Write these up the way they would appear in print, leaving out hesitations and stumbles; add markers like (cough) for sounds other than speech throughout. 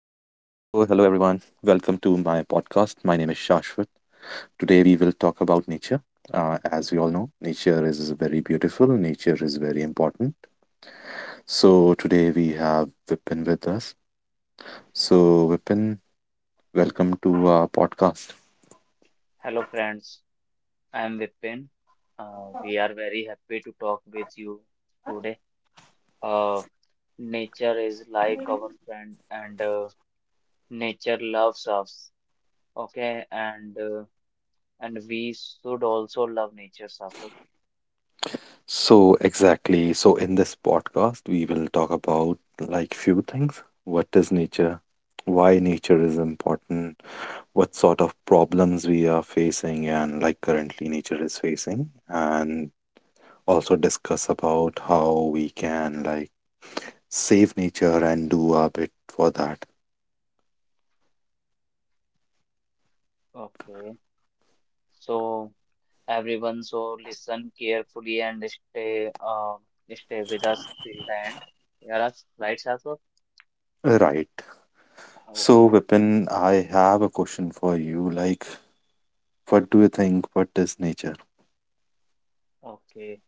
podcast. My name is Shashwat. Today we will talk about nature. As we all know, nature is very beautiful, nature is very important. So, today we have Vipin with us. So, Vipin, welcome to our podcast. Hello, friends. I am Vipin. We are very happy to talk with you today. Uh, Nature is like our friend, and nature loves us. Okay, and we should also love nature, Safak. So, exactly. So, in this podcast, we will talk about like few things. What is nature? Why nature is important? What sort of problems we are facing, and like currently nature is facing, and also discuss about how we can like save nature and do our bit for that. Okay, so everyone, so listen carefully and stay stay with us till the end. Yeah, that's right, Safak. Right. So, Okay, Vipin, I have a question for you, like what do you think, what is nature? okay.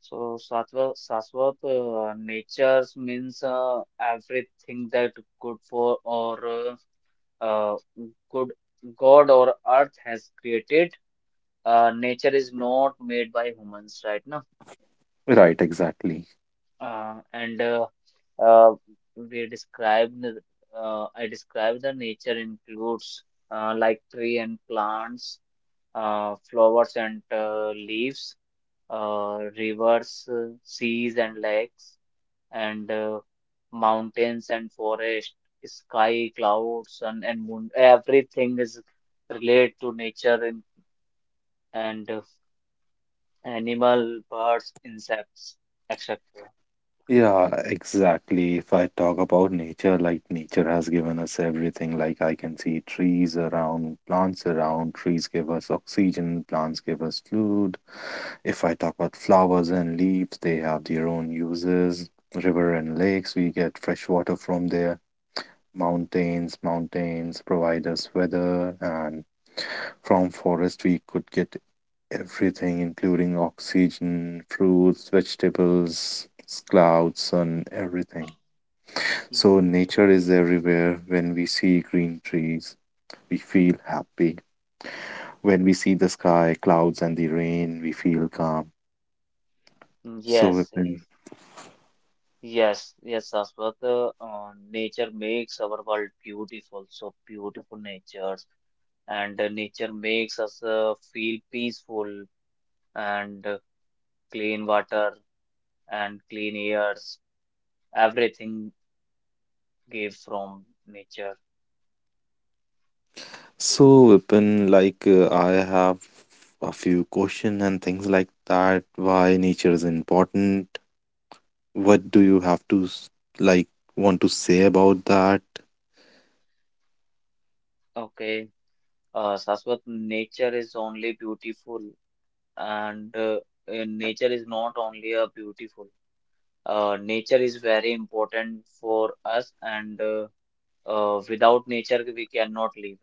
So sattva, Sattvic natures means everything that good for or uh, good God or earth has created. Nature is not made by humans, right now. Right. Exactly. And uh, we described the- I described the nature includes like tree and plants, flowers and leaves, rivers, seas and lakes and mountains and forest, sky, clouds, sun and moon. Everything is related to nature and animal, birds, insects, etc. Yeah, exactly. If I talk about nature, like nature has given us everything. Like I can see trees around, plants around, trees give us oxygen, plants give us food. If I talk about flowers and leaves, they have their own uses. River and lakes, we get fresh water from there. Mountains, mountains provide us weather, and from forest we could get everything, including oxygen, fruits, vegetables, clouds, sun, everything. Mm. So, nature is everywhere. When we see green trees, we feel happy. When we see the sky, clouds, and the rain, we feel calm. So, Yes, Vipin, yes, yes, Shashwat. Nature makes our world beautiful, so beautiful natures, and nature makes us feel peaceful and clean water and clean airs. Everything gave from nature. so, Vipin, like I have a few questions and things like that. Why nature is important? What do you have to like want to say about that? Okay. Shashwat, nature is only beautiful, and nature is not only a beautiful. Nature is very important for us, and without nature we cannot live.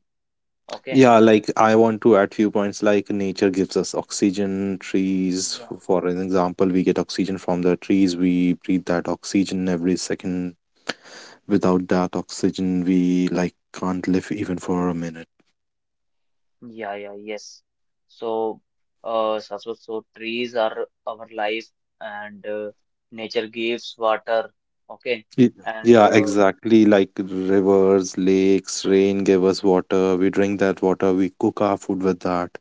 Okay. Yeah, like I want to add few points like nature gives us oxygen, trees, Yeah. for an example, we get oxygen from the trees, we breathe that oxygen every second. Without that oxygen, we like can't live even for a minute. Yeah, yeah, yes. So, Shashwat, so trees are our life, and nature gives water. Okay, Y- and Yeah, exactly. Like rivers, lakes, rain give us water. We drink that water, we cook our food with that,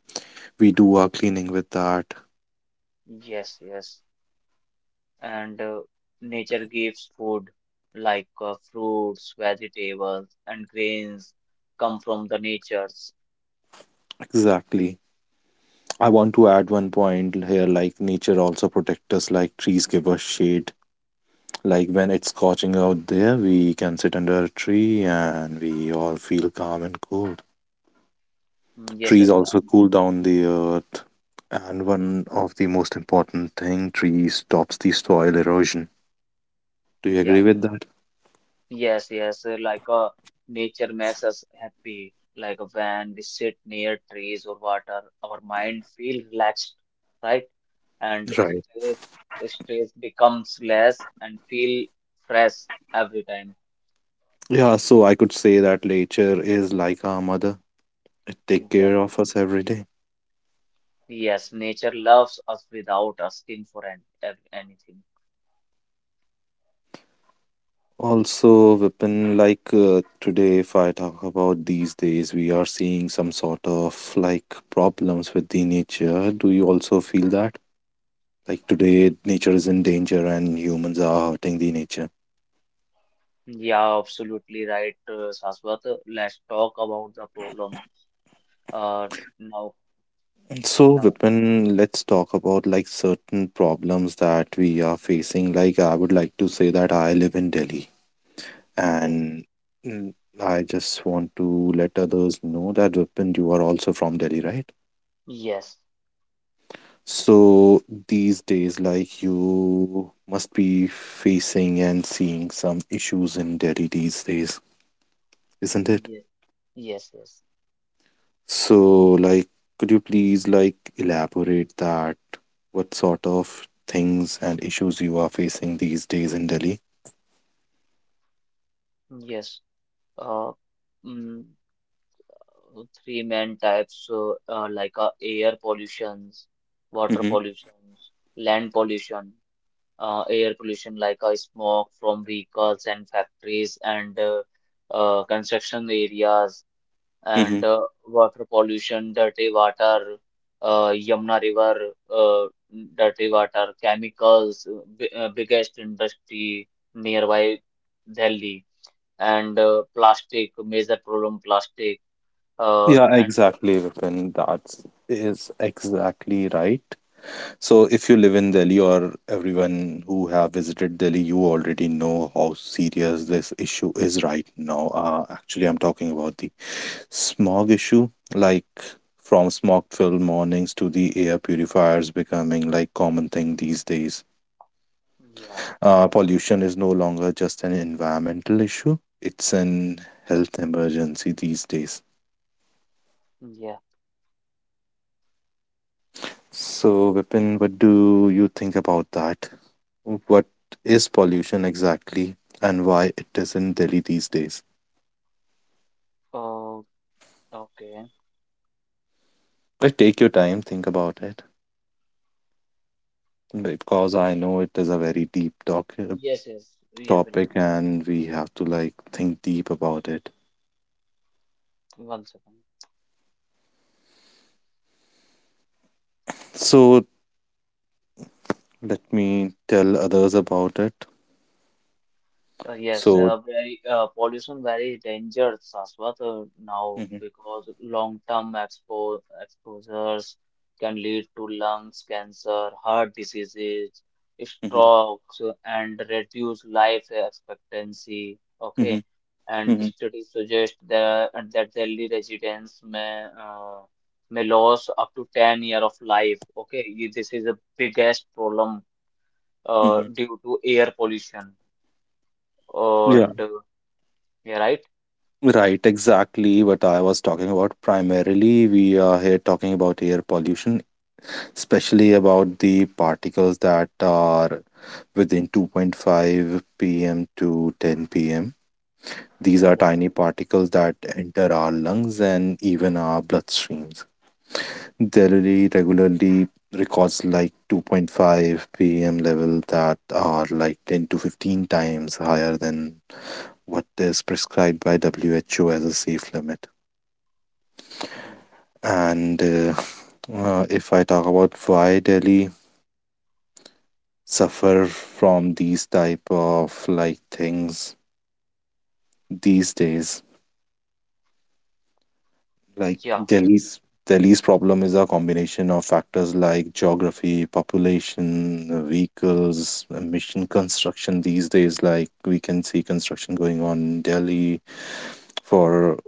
we do our cleaning with that. yes, yes. And nature gives food like fruits, vegetables, and grains come from the natures. Exactly. I want to add one point here, like nature also protect us, like trees give us shade. Like when it's scorching out there, we can sit under a tree and we all feel calm and cool. Mm. Yes, Trees yes. also Um, cool down the earth. And one of the most important thing, trees stops the soil erosion. Do you agree yes, with that? yes, yes. Like nature makes us happy. Like when we sit near trees or water, our mind feel relaxed, right? And Right. stress becomes less and feel fresh every time. Yeah, so I could say that nature is like our mother. It take Yes, care of us every day. yes. Nature loves us without asking for anything. Also, Vipin, like today, if I talk about these days, we are seeing some sort of like problems with the nature. Do you also feel that? Like today, nature is in danger and humans are hurting the nature. Yeah, absolutely right, Shashwat. Let's talk about the problem. Uh, now, And so, now, Vipin, let's talk about like certain problems that we are facing. Like, I would like to say that I live in Delhi, ye- and mm, I just want to let others know that Vipin, you are also from Delhi, right? yes, So, these days, like, you must be facing and seeing some issues in Delhi these days, isn't it? yes, yes, yes, So, like, could you please like elaborate that. What sort of things and issues you are facing these days in Delhi? yes. Uh, mm, Three main types, like air pollutions, water Mm-hmm. pollutions, land pollution. Air pollution, like smoke from vehicles and factories and construction areas. Mm-hmm. And water pollution, dirty water, Yamuna River, dirty water, chemicals, biggest industry nearby Delhi, and plastic, major problem, plastic, Yeah, and exactly, Vipin. That is exactly right. So, if you live in Delhi or everyone who have visited Delhi, you already know how serious this issue is right now. Actually, I'm talking about the smog issue, like from smog-filled mornings to the air purifiers becoming like common thing these days. yeah, Pollution is no longer just an environmental issue, it's an health emergency these days. yeah, So, Vipin, what do you think about that? What is pollution exactly and why it is in Delhi these days? uh, okay, Like, take your time, think about it because I know it is a very deep talk yes, yes, yeah, topic welcome. and we have to like think deep about it. One second. So, let me tell others about it. Yes, So, very pollution very dangerous as well now mhm, because long-term expo exposures can lead to lungs cancer, heart diseases, mhm, strokes, and reduce life expectancy. mhm, Okay, and mhm, studies suggest that Delhi residents may lose up to 10 years year of life. Okay, this is the biggest problem mhm. due to air pollution uh, Yeah. and. uh, yeah, right? Right, exactly what I was talking about. Primarily, we are here talking about air pollution, especially about the particles that are within 2.5 pm to 10 PM. These are Yeah. tiny particles that enter our lungs and even our bloodstreams. Delhi regularly records like 2.5 pm level that are like 10 to 15 times higher than what is prescribed by WHO as a safe limit. Mm. And if I talk about why Delhi suffer from these type of like things these days, like Yeah. Delhi's problem is a combination of factors like geography, population, vehicles, emission construction these days. Like we can see construction going on in Delhi for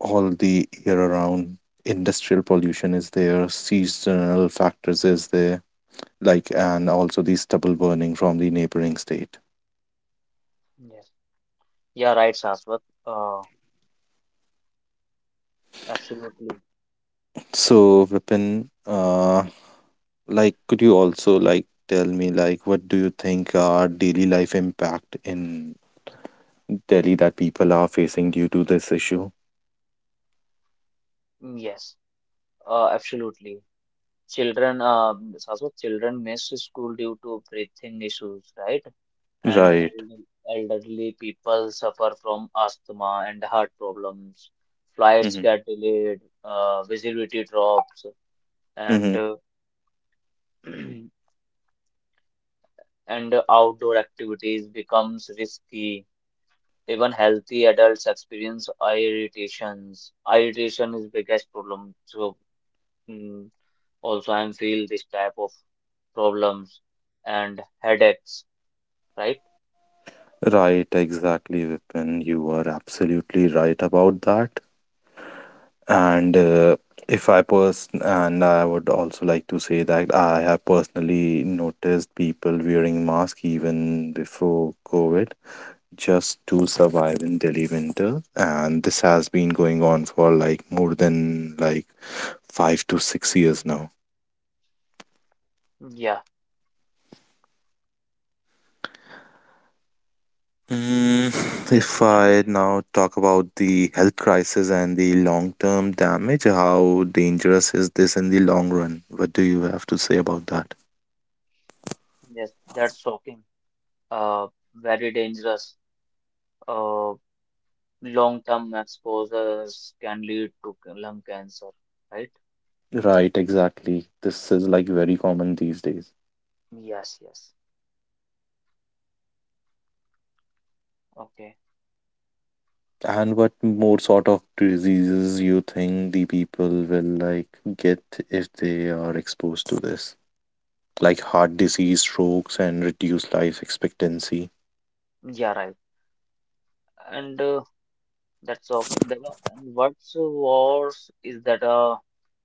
all the year around. Industrial pollution is there, seasonal factors is there, like and also the stubble burning from the neighboring state. Yes. Yeah, right, Shashwat. Uh, Absolutely. So, Vipin, like could you also like tell me, like what do you think are daily life impact in Delhi that people are facing due to this issue? Yes. Absolutely. Children, Shashwat, children miss school due to breathing issues, right? And Right. Elderly people suffer from asthma and heart problems. Flights Mm-hmm. get delayed, visibility drops, and Mm-hmm. (clears throat) And outdoor activities becomes risky. Even healthy adults experience eye irritations. Eye irritation is biggest problem. So mm, also I feel this type of problems and headaches, right? Right, exactly, Vipin. You are absolutely right about that. And if I person and I would also like to say that I have personally noticed people wearing mask even before COVID just to survive in Delhi winter. And this has been going on for like more than like 5 to 6 years now. Yeah. Mm, (sighs) Yes, if and I now talk about the health crisis and the long term damage, how dangerous is this in the long run? What do you have to say about that? yes, that's shocking. Uh, Very dangerous. Uh, Long-term exposures can lead to lung cancer, right? Right, exactly. This is like very common these days. Yes, yes. Okay. And what more sort of diseases you think the people will like get if they are exposed to this? Like heart disease, strokes, and reduced life expectancy. Yeah, right. And that's shocking. And what's worse is that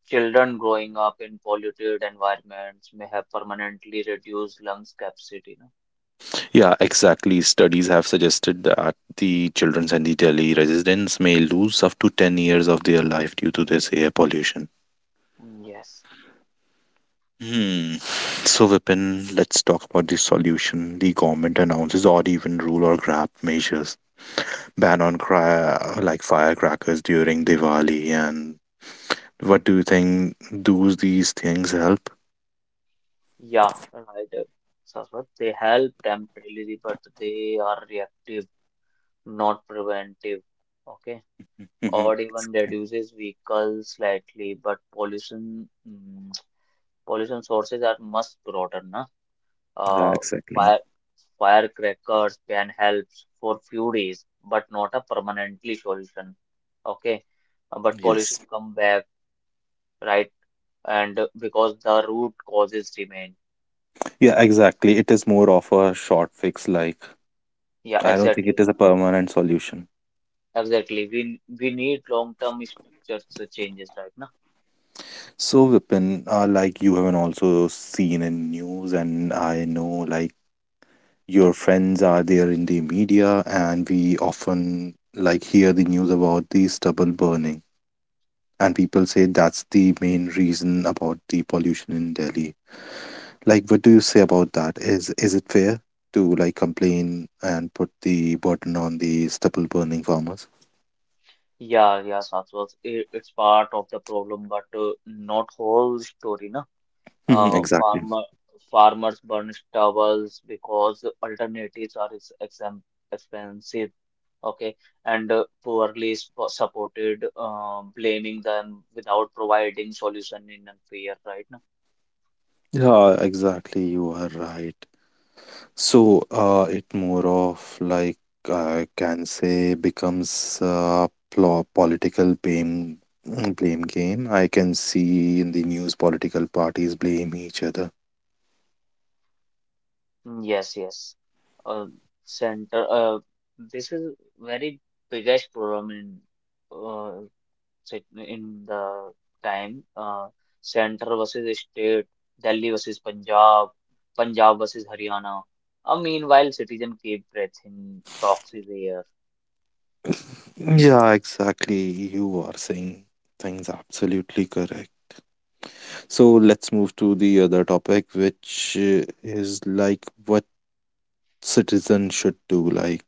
children growing up in polluted environments may have permanently reduced lung capacity, no? Yeah, exactly. Studies have suggested that the children's and the Delhi residents may lose up to 10 years of their life due to this air pollution. Mm. Yes. Hmm. So, Vipin, let's talk about the solution the government announces, odd even rule or grab measures, ban on like firecrackers during Diwali. And what do you think? Do these things help? Yeah, right. Sarfat, they help temporarily, but they are reactive, not preventive. Okay. Mhm. Or even reduces vehicles slightly, but pollution sources are much broader, na? Yeah, Uh, exactly. fire, Firecrackers can help for few days, but not a permanently solution. Okay. But Yes. pollution come back, right? And because the root causes remain. Yeah, exactly. It is more of a short fix. Like, Yeah, I don't think it exactly, is a permanent solution. exactly. We need long-term structures to changes, right now. So, Vipin, like you haven't also seen in news, and I know like your friends are there in the media, and we often like hear the news about the stubble burning, and people say that's the main reason about the pollution in Delhi. Like, what do you say about that? Is it fair to like complain and put the burden on the stubble burning farmers? Yeah, yeah, Saswas. It's part of the problem, but not whole story, na. Mhm. Uh, Exactly. farmer Farmers burn stubbles because alternatives are ex exam expensive. Okay, and poorly sp supported, blaming them without providing solution in a fair right now. Yeah, exactly. You are right. So, it more of like I can say becomes a political blame game. I can see in the news political parties blame each other. Mm. Yes, yes. Uh, Center. This is very biggest problem in. Uh, sit in the time Center versus state, Delhi versus Punjab, Punjab versus Haryana. Meanwhile, citizen keep breathing toxic air. Yeah, exactly. You are saying things absolutely correct. So let's move to the other topic, which is like what citizens should do. Like,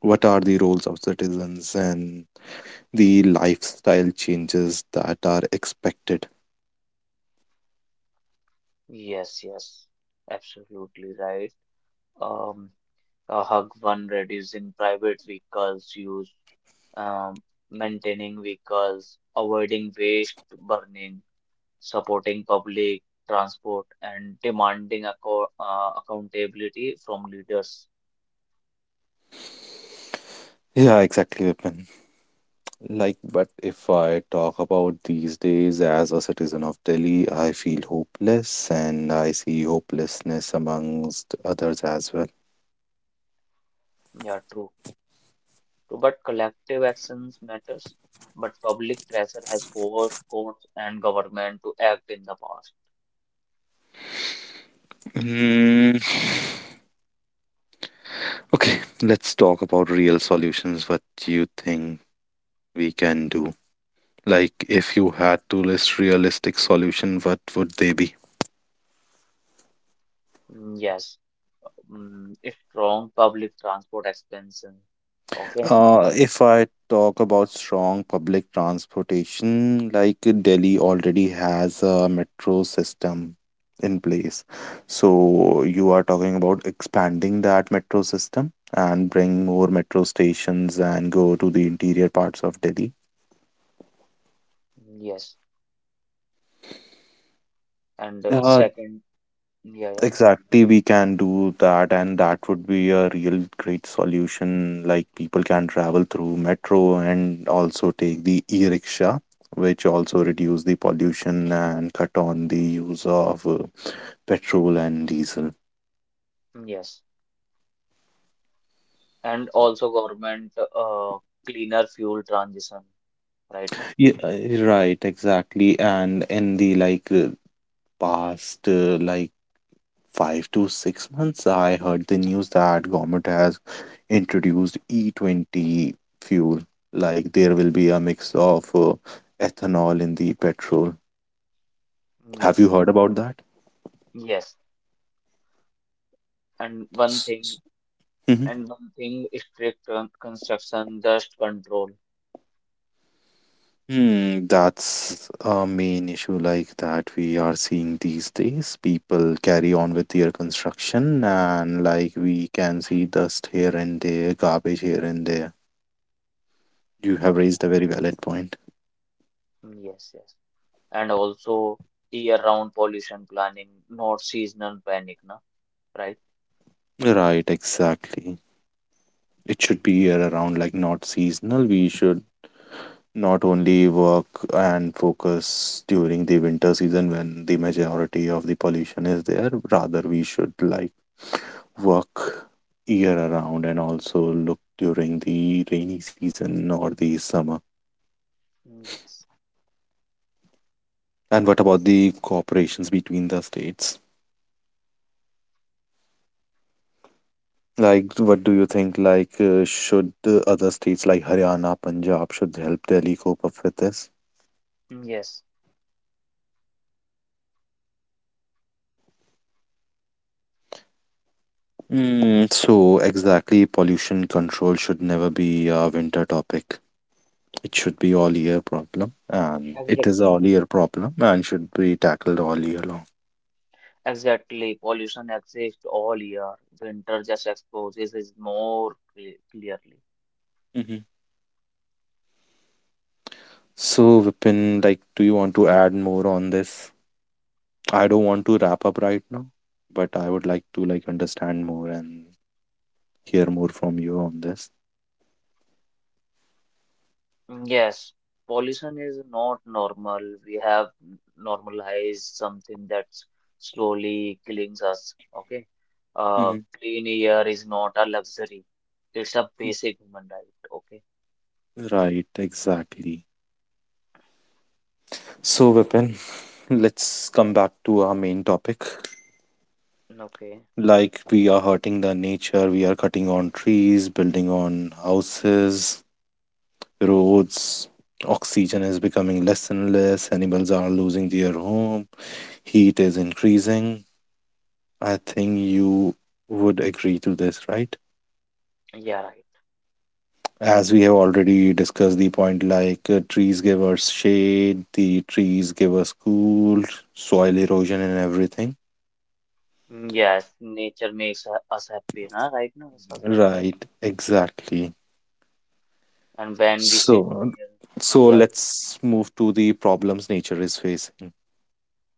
what are the roles of citizens and the lifestyle changes that are expected. Yes, yes, absolutely right. Um, a hug one reducing private vehicles use, um, maintaining vehicles, avoiding waste burning, supporting public transport, and demanding accountability from leaders. Yeah, exactly, Vipin. Like, but if I talk about these days as a citizen of Delhi, I feel hopeless and I see hopelessness amongst others as well. Yeah, true. True, but collective actions matters. But public pressure has forced courts and government to act in the past. Mm. Okay, let's talk about real solutions. What do you think we can do? Like, if you had to list realistic solution, what would they be? Mm, yes, mm, a strong public transport expansion. Okay. If I talk about strong public transportation, like Delhi already has a metro system in place. So you are talking about expanding that metro system and bring more metro stations and go to the interior parts of Delhi. Mm. Yes, and Uh, second, yeah, yeah. Exactly, we can do that, and that would be a real great solution. Like, people can travel through metro and also take the e-rickshaw, which also reduce the pollution and cut on the use of petrol and diesel. Mm, yes, and also government cleaner fuel transition. Right now. Yeah, right, exactly. And in the like past, like 5 to 6 months, I heard the news that government has introduced E20 fuel. Like there will be a mix of ethanol in the petrol. Have you Yes, yes, heard about that? yes. And one S- thing, s- hmm strict construction dust control. that's a main issue like that we are seeing these days. People carry on with their construction, and like we can see dust here and there, garbage here and there. You have Mm. Yeah. raised a very valid point. Mm. Yes, yes. And also year-round pollution planning, not seasonal panic, na? Right? Right, exactly. It should be year around, like not seasonal. We should not only work and focus during the winter season when the majority of the pollution is there, rather we should like work year around and also look during the rainy season or the summer. Mm. Yes. And what about the cooperations between the states, like what do you think, like should other states like Haryana, Punjab should help Delhi cope up with this? Mm. Yes, So exactly, pollution control should never be a winter topic. It should be all year problem, and it is exactly. all year problem and should be tackled all year long. exactly. Pollution exists all year. Winter just exposes it more clearly. Hmm. So, Vipin, like, do you want to add more on this? I don't want to wrap up right now, but I would like to like understand more and hear more from you on this. Mm. Yes, pollution is not normal. We have normalized something that's slowly killing us. Okay. Hmm. Clean air is not a luxury. It's a basic human right. Okay. Right, exactly. So, Vipin, (laughs) let's come back to our main topic. Okay. Like we are hurting the nature, we are cutting on trees, building on houses, roads. Oxygen is becoming less and less, animals are losing their home, heat is increasing. I think you would agree to this, right? Yeah, right. As we have already discussed the point, like trees give us shade, the trees give us cool, soil erosion and everything. Mm. Yes, nature makes us happy, na? Right now, Sasur. Right, exactly. And when we sit So, near, so yeah, let's move to the problems nature is facing.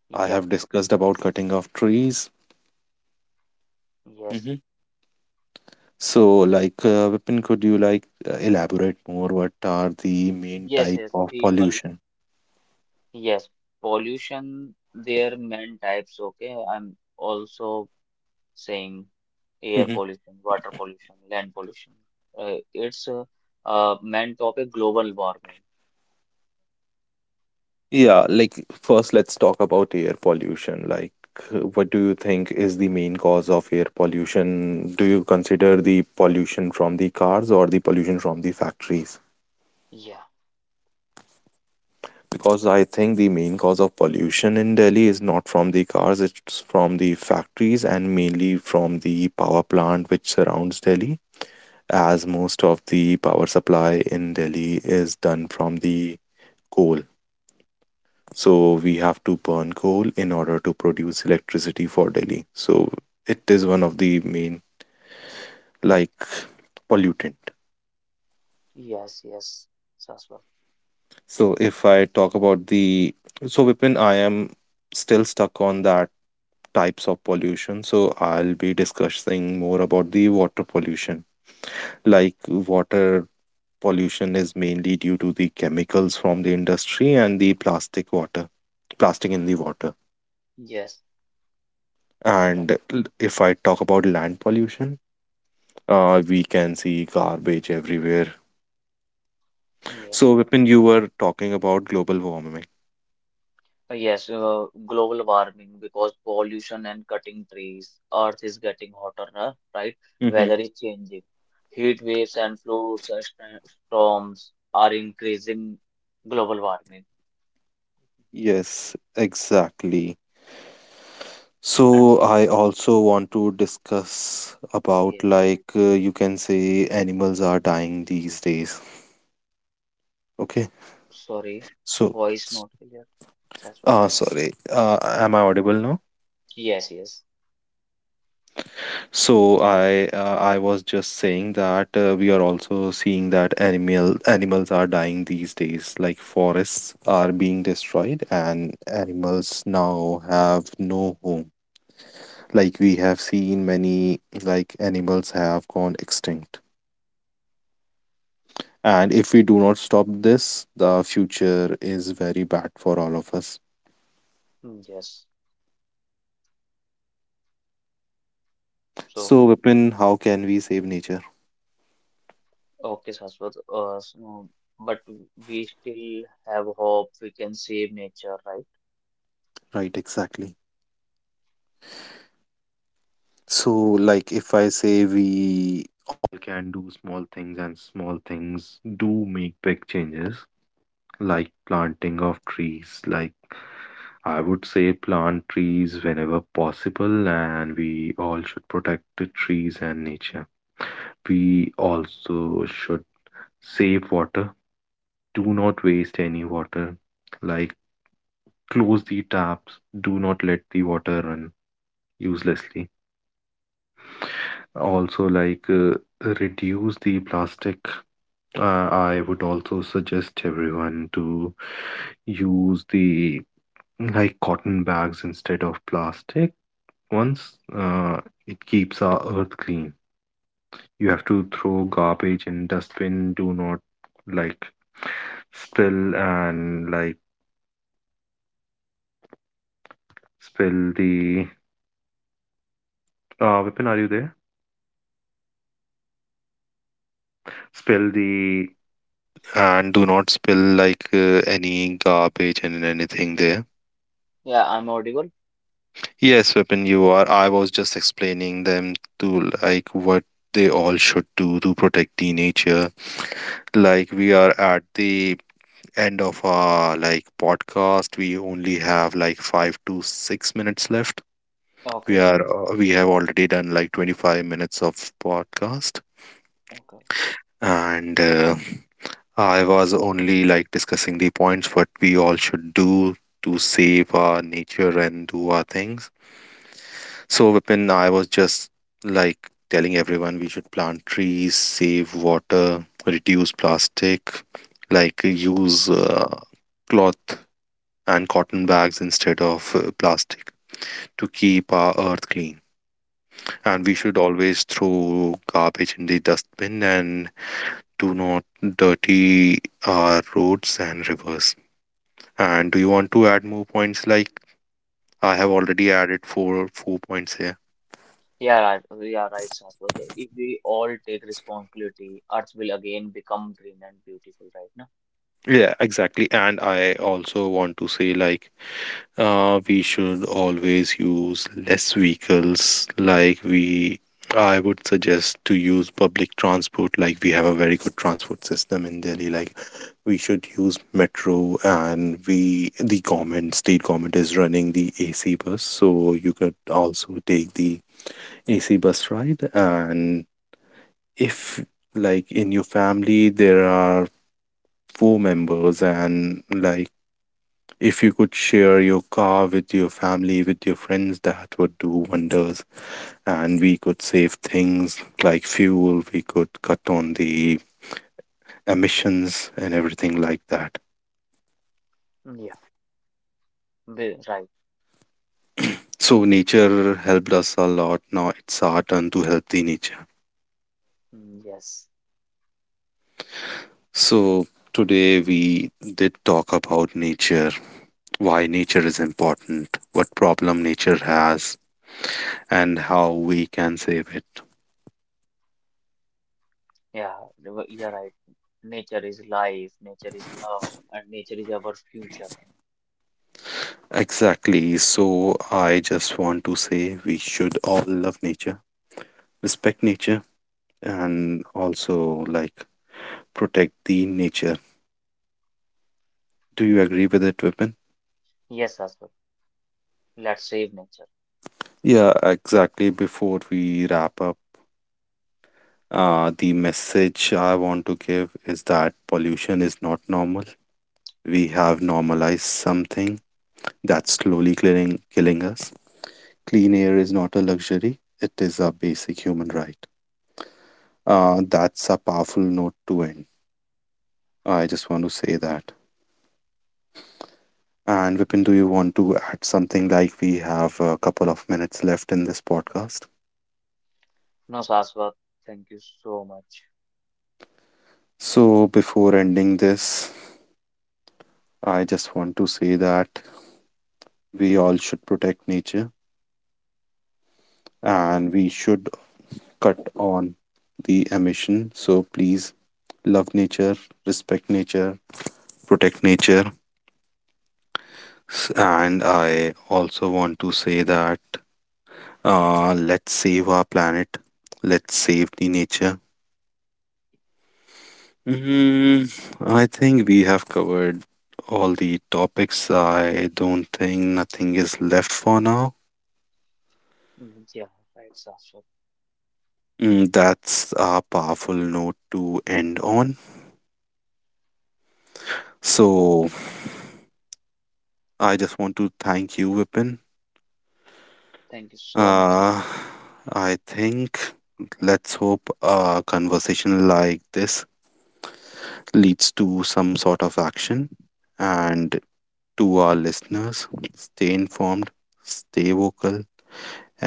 yeah, I yeah, have discussed about cutting off trees. yes, Hmm. So, like, Vipin, could you like elaborate more? What are the main yes, type yes, of people, pollution? yes, pollution, there are many types, okay? I'm also saying air Hmm. pollution, water pollution, land pollution. It's a Main topic, global warming. Yeah, like first, let's talk about air pollution. Like, what do you think is the main cause of air pollution? Do you consider the pollution from the cars or the pollution from the factories? Yeah, Because I think the main cause of pollution in Delhi is not from the cars, it's from the factories and mainly from the power plant which surrounds Delhi, as most of the power supply in Delhi is done from the coal. So we have to burn coal in order to produce electricity for Delhi. So it is one of the main, like, pollutant. yes, yes, Sasur. So if I talk about the so Vipin, I am still stuck on that types of pollution. So I'll be discussing more about the water pollution. Like water pollution is mainly due to the chemicals from the industry and the plastic water, plastic in the water. Yes, right, And if I talk about land pollution, we can see garbage everywhere. yes. So, Vipin, you were talking about global warming. Yes, global warming because pollution and cutting trees. Earth is getting hotter, huh, right? Weather Hmm. is changing. Heat waves and floods and storms are increasing global warming. Yes, exactly. And So so, I also want to discuss about, yeah, like, you can say animals are dying these days. Okay. sorry, So voice not clear. Saswat. uh, sorry. Uh, am I Okay. audible now? Yes, yes. So I was just saying that we are also seeing that animals are dying these days. Like forests are being destroyed and animals now have no home. Like we have seen many, like, animals have gone extinct. And if we do not stop this, the future is very bad for all of us. Mm, yes. So, So, Vipin, how can we save nature? okay, Shashwat. So, but We still have hope we can save nature, right? Right, exactly. So, like if I say we all can do small things, and small things do make big changes, like planting of trees. Like I would say, plant trees whenever possible, and we all should protect the trees and nature. We also should save water, do not waste any water. Like, close the taps, do not let the water run uselessly. Also, like, reduce the plastic. I would also suggest everyone to use the, like, cotton bags instead of plastic. Once it keeps our earth clean. You have to throw garbage in dustbin. Do not, like, spill, and, like, spill the. Vipin, are you there? Spill the, and do not spill like any garbage and anything there. Yeah, I'm audible. Yes, weapon, you are. I was just explaining them to, like, what they all should do to protect the nature. Like we are at the end of our, like, podcast. We only have like 5 to 6 minutes left. Okay, We have already done like 25 minutes of podcast, okay. and I was only, like, discussing the points what we all should do to save our nature and do our things. So, Vipin, I was just, like, telling everyone we should plant trees, save water, reduce plastic, like use cloth and cotton bags instead of plastic to keep our earth clean. And we Yeah, should always throw garbage in the dustbin and do not dirty our roads and rivers. And do you want to add more points? Like I have already added four points here. yeah, right. Yeah, right, Shashwat. If we all take responsibility, Earth will again become green and beautiful, right now. Yeah, exactly. And I also want to say like uh, we should always use less vehicles. Like we I would suggest to use public transport. Like we have a very good transport system in Delhi. Like we should use metro, and we the government, state government is running the AC bus. So you could also take the AC bus ride, and if, like, in your family there are four members, and like if you could share your car with your family, with your friends, that would do wonders, and we could save things like fuel, we could cut on the emissions and everything like that. Yeah, right. So nature helped us a lot, now it's our turn to help the nature. Mm, yes. So today we did talk about nature, why nature is important, what problem nature has, and how we can save it. Yeah, yeah, right. Nature is life, nature is love, and nature is our future. Exactly. So I just want to say we should all love nature, respect nature, and also, like, protect the nature. Do you agree with it, Vipin? Yes, Shashwat. Let's save nature. Yeah, exactly. Before we wrap up, the message I want to give is that pollution is not normal. We have normalized something that's slowly killing us. Clean air is not a luxury; it is a basic human right. That's a powerful note to end. I just want to say that. And Mm. Vipin, do you want to add something, like we have a couple of minutes left in this podcast? No, Shashwat. Thank you so much. So, before ending this, I just want to say that we all should protect nature Mm, yeah, and we should cut on the emission. So, please love nature, respect nature, protect nature. And I also want to say that let's save our planet. Let's save the nature. Mm, I think we have covered all the topics. I don't think nothing is left for now. mm, yeah, right, Shashwat. Mm, that's a powerful note to end on. So I just want to thank you, Vipin. Thank you so much, sir. Uh, I think let's hope a conversation like this leads to some sort of action, and to our listeners, stay informed, stay vocal,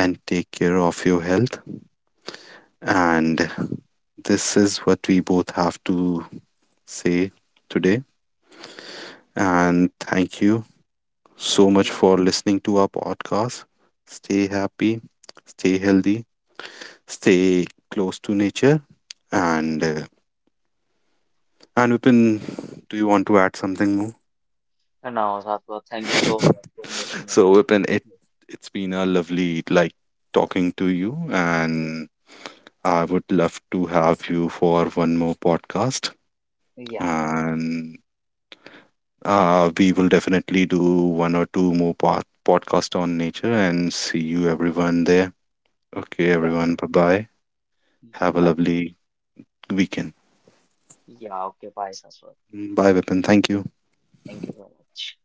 and take care of your health. And this is what we both have to say today. Thank you. And thank you so much Thank you. for listening to our podcast. Stay happy, stay healthy, stay close to nature. And uh, and Vipin, do you want to add something more? And now, Satwa, thank you so much for (laughs) So listening. Vipin, it's been a lovely, like, talking to you, and I would love to have you for one more podcast, Yeah, and we will definitely do one or two more podcast on nature. And see you everyone there. Okay, yeah, everyone. Bye bye. Have a bye. lovely weekend. Yeah, okay, bye, Satwa. Bye, Vipin. Thank you. Thank you so much.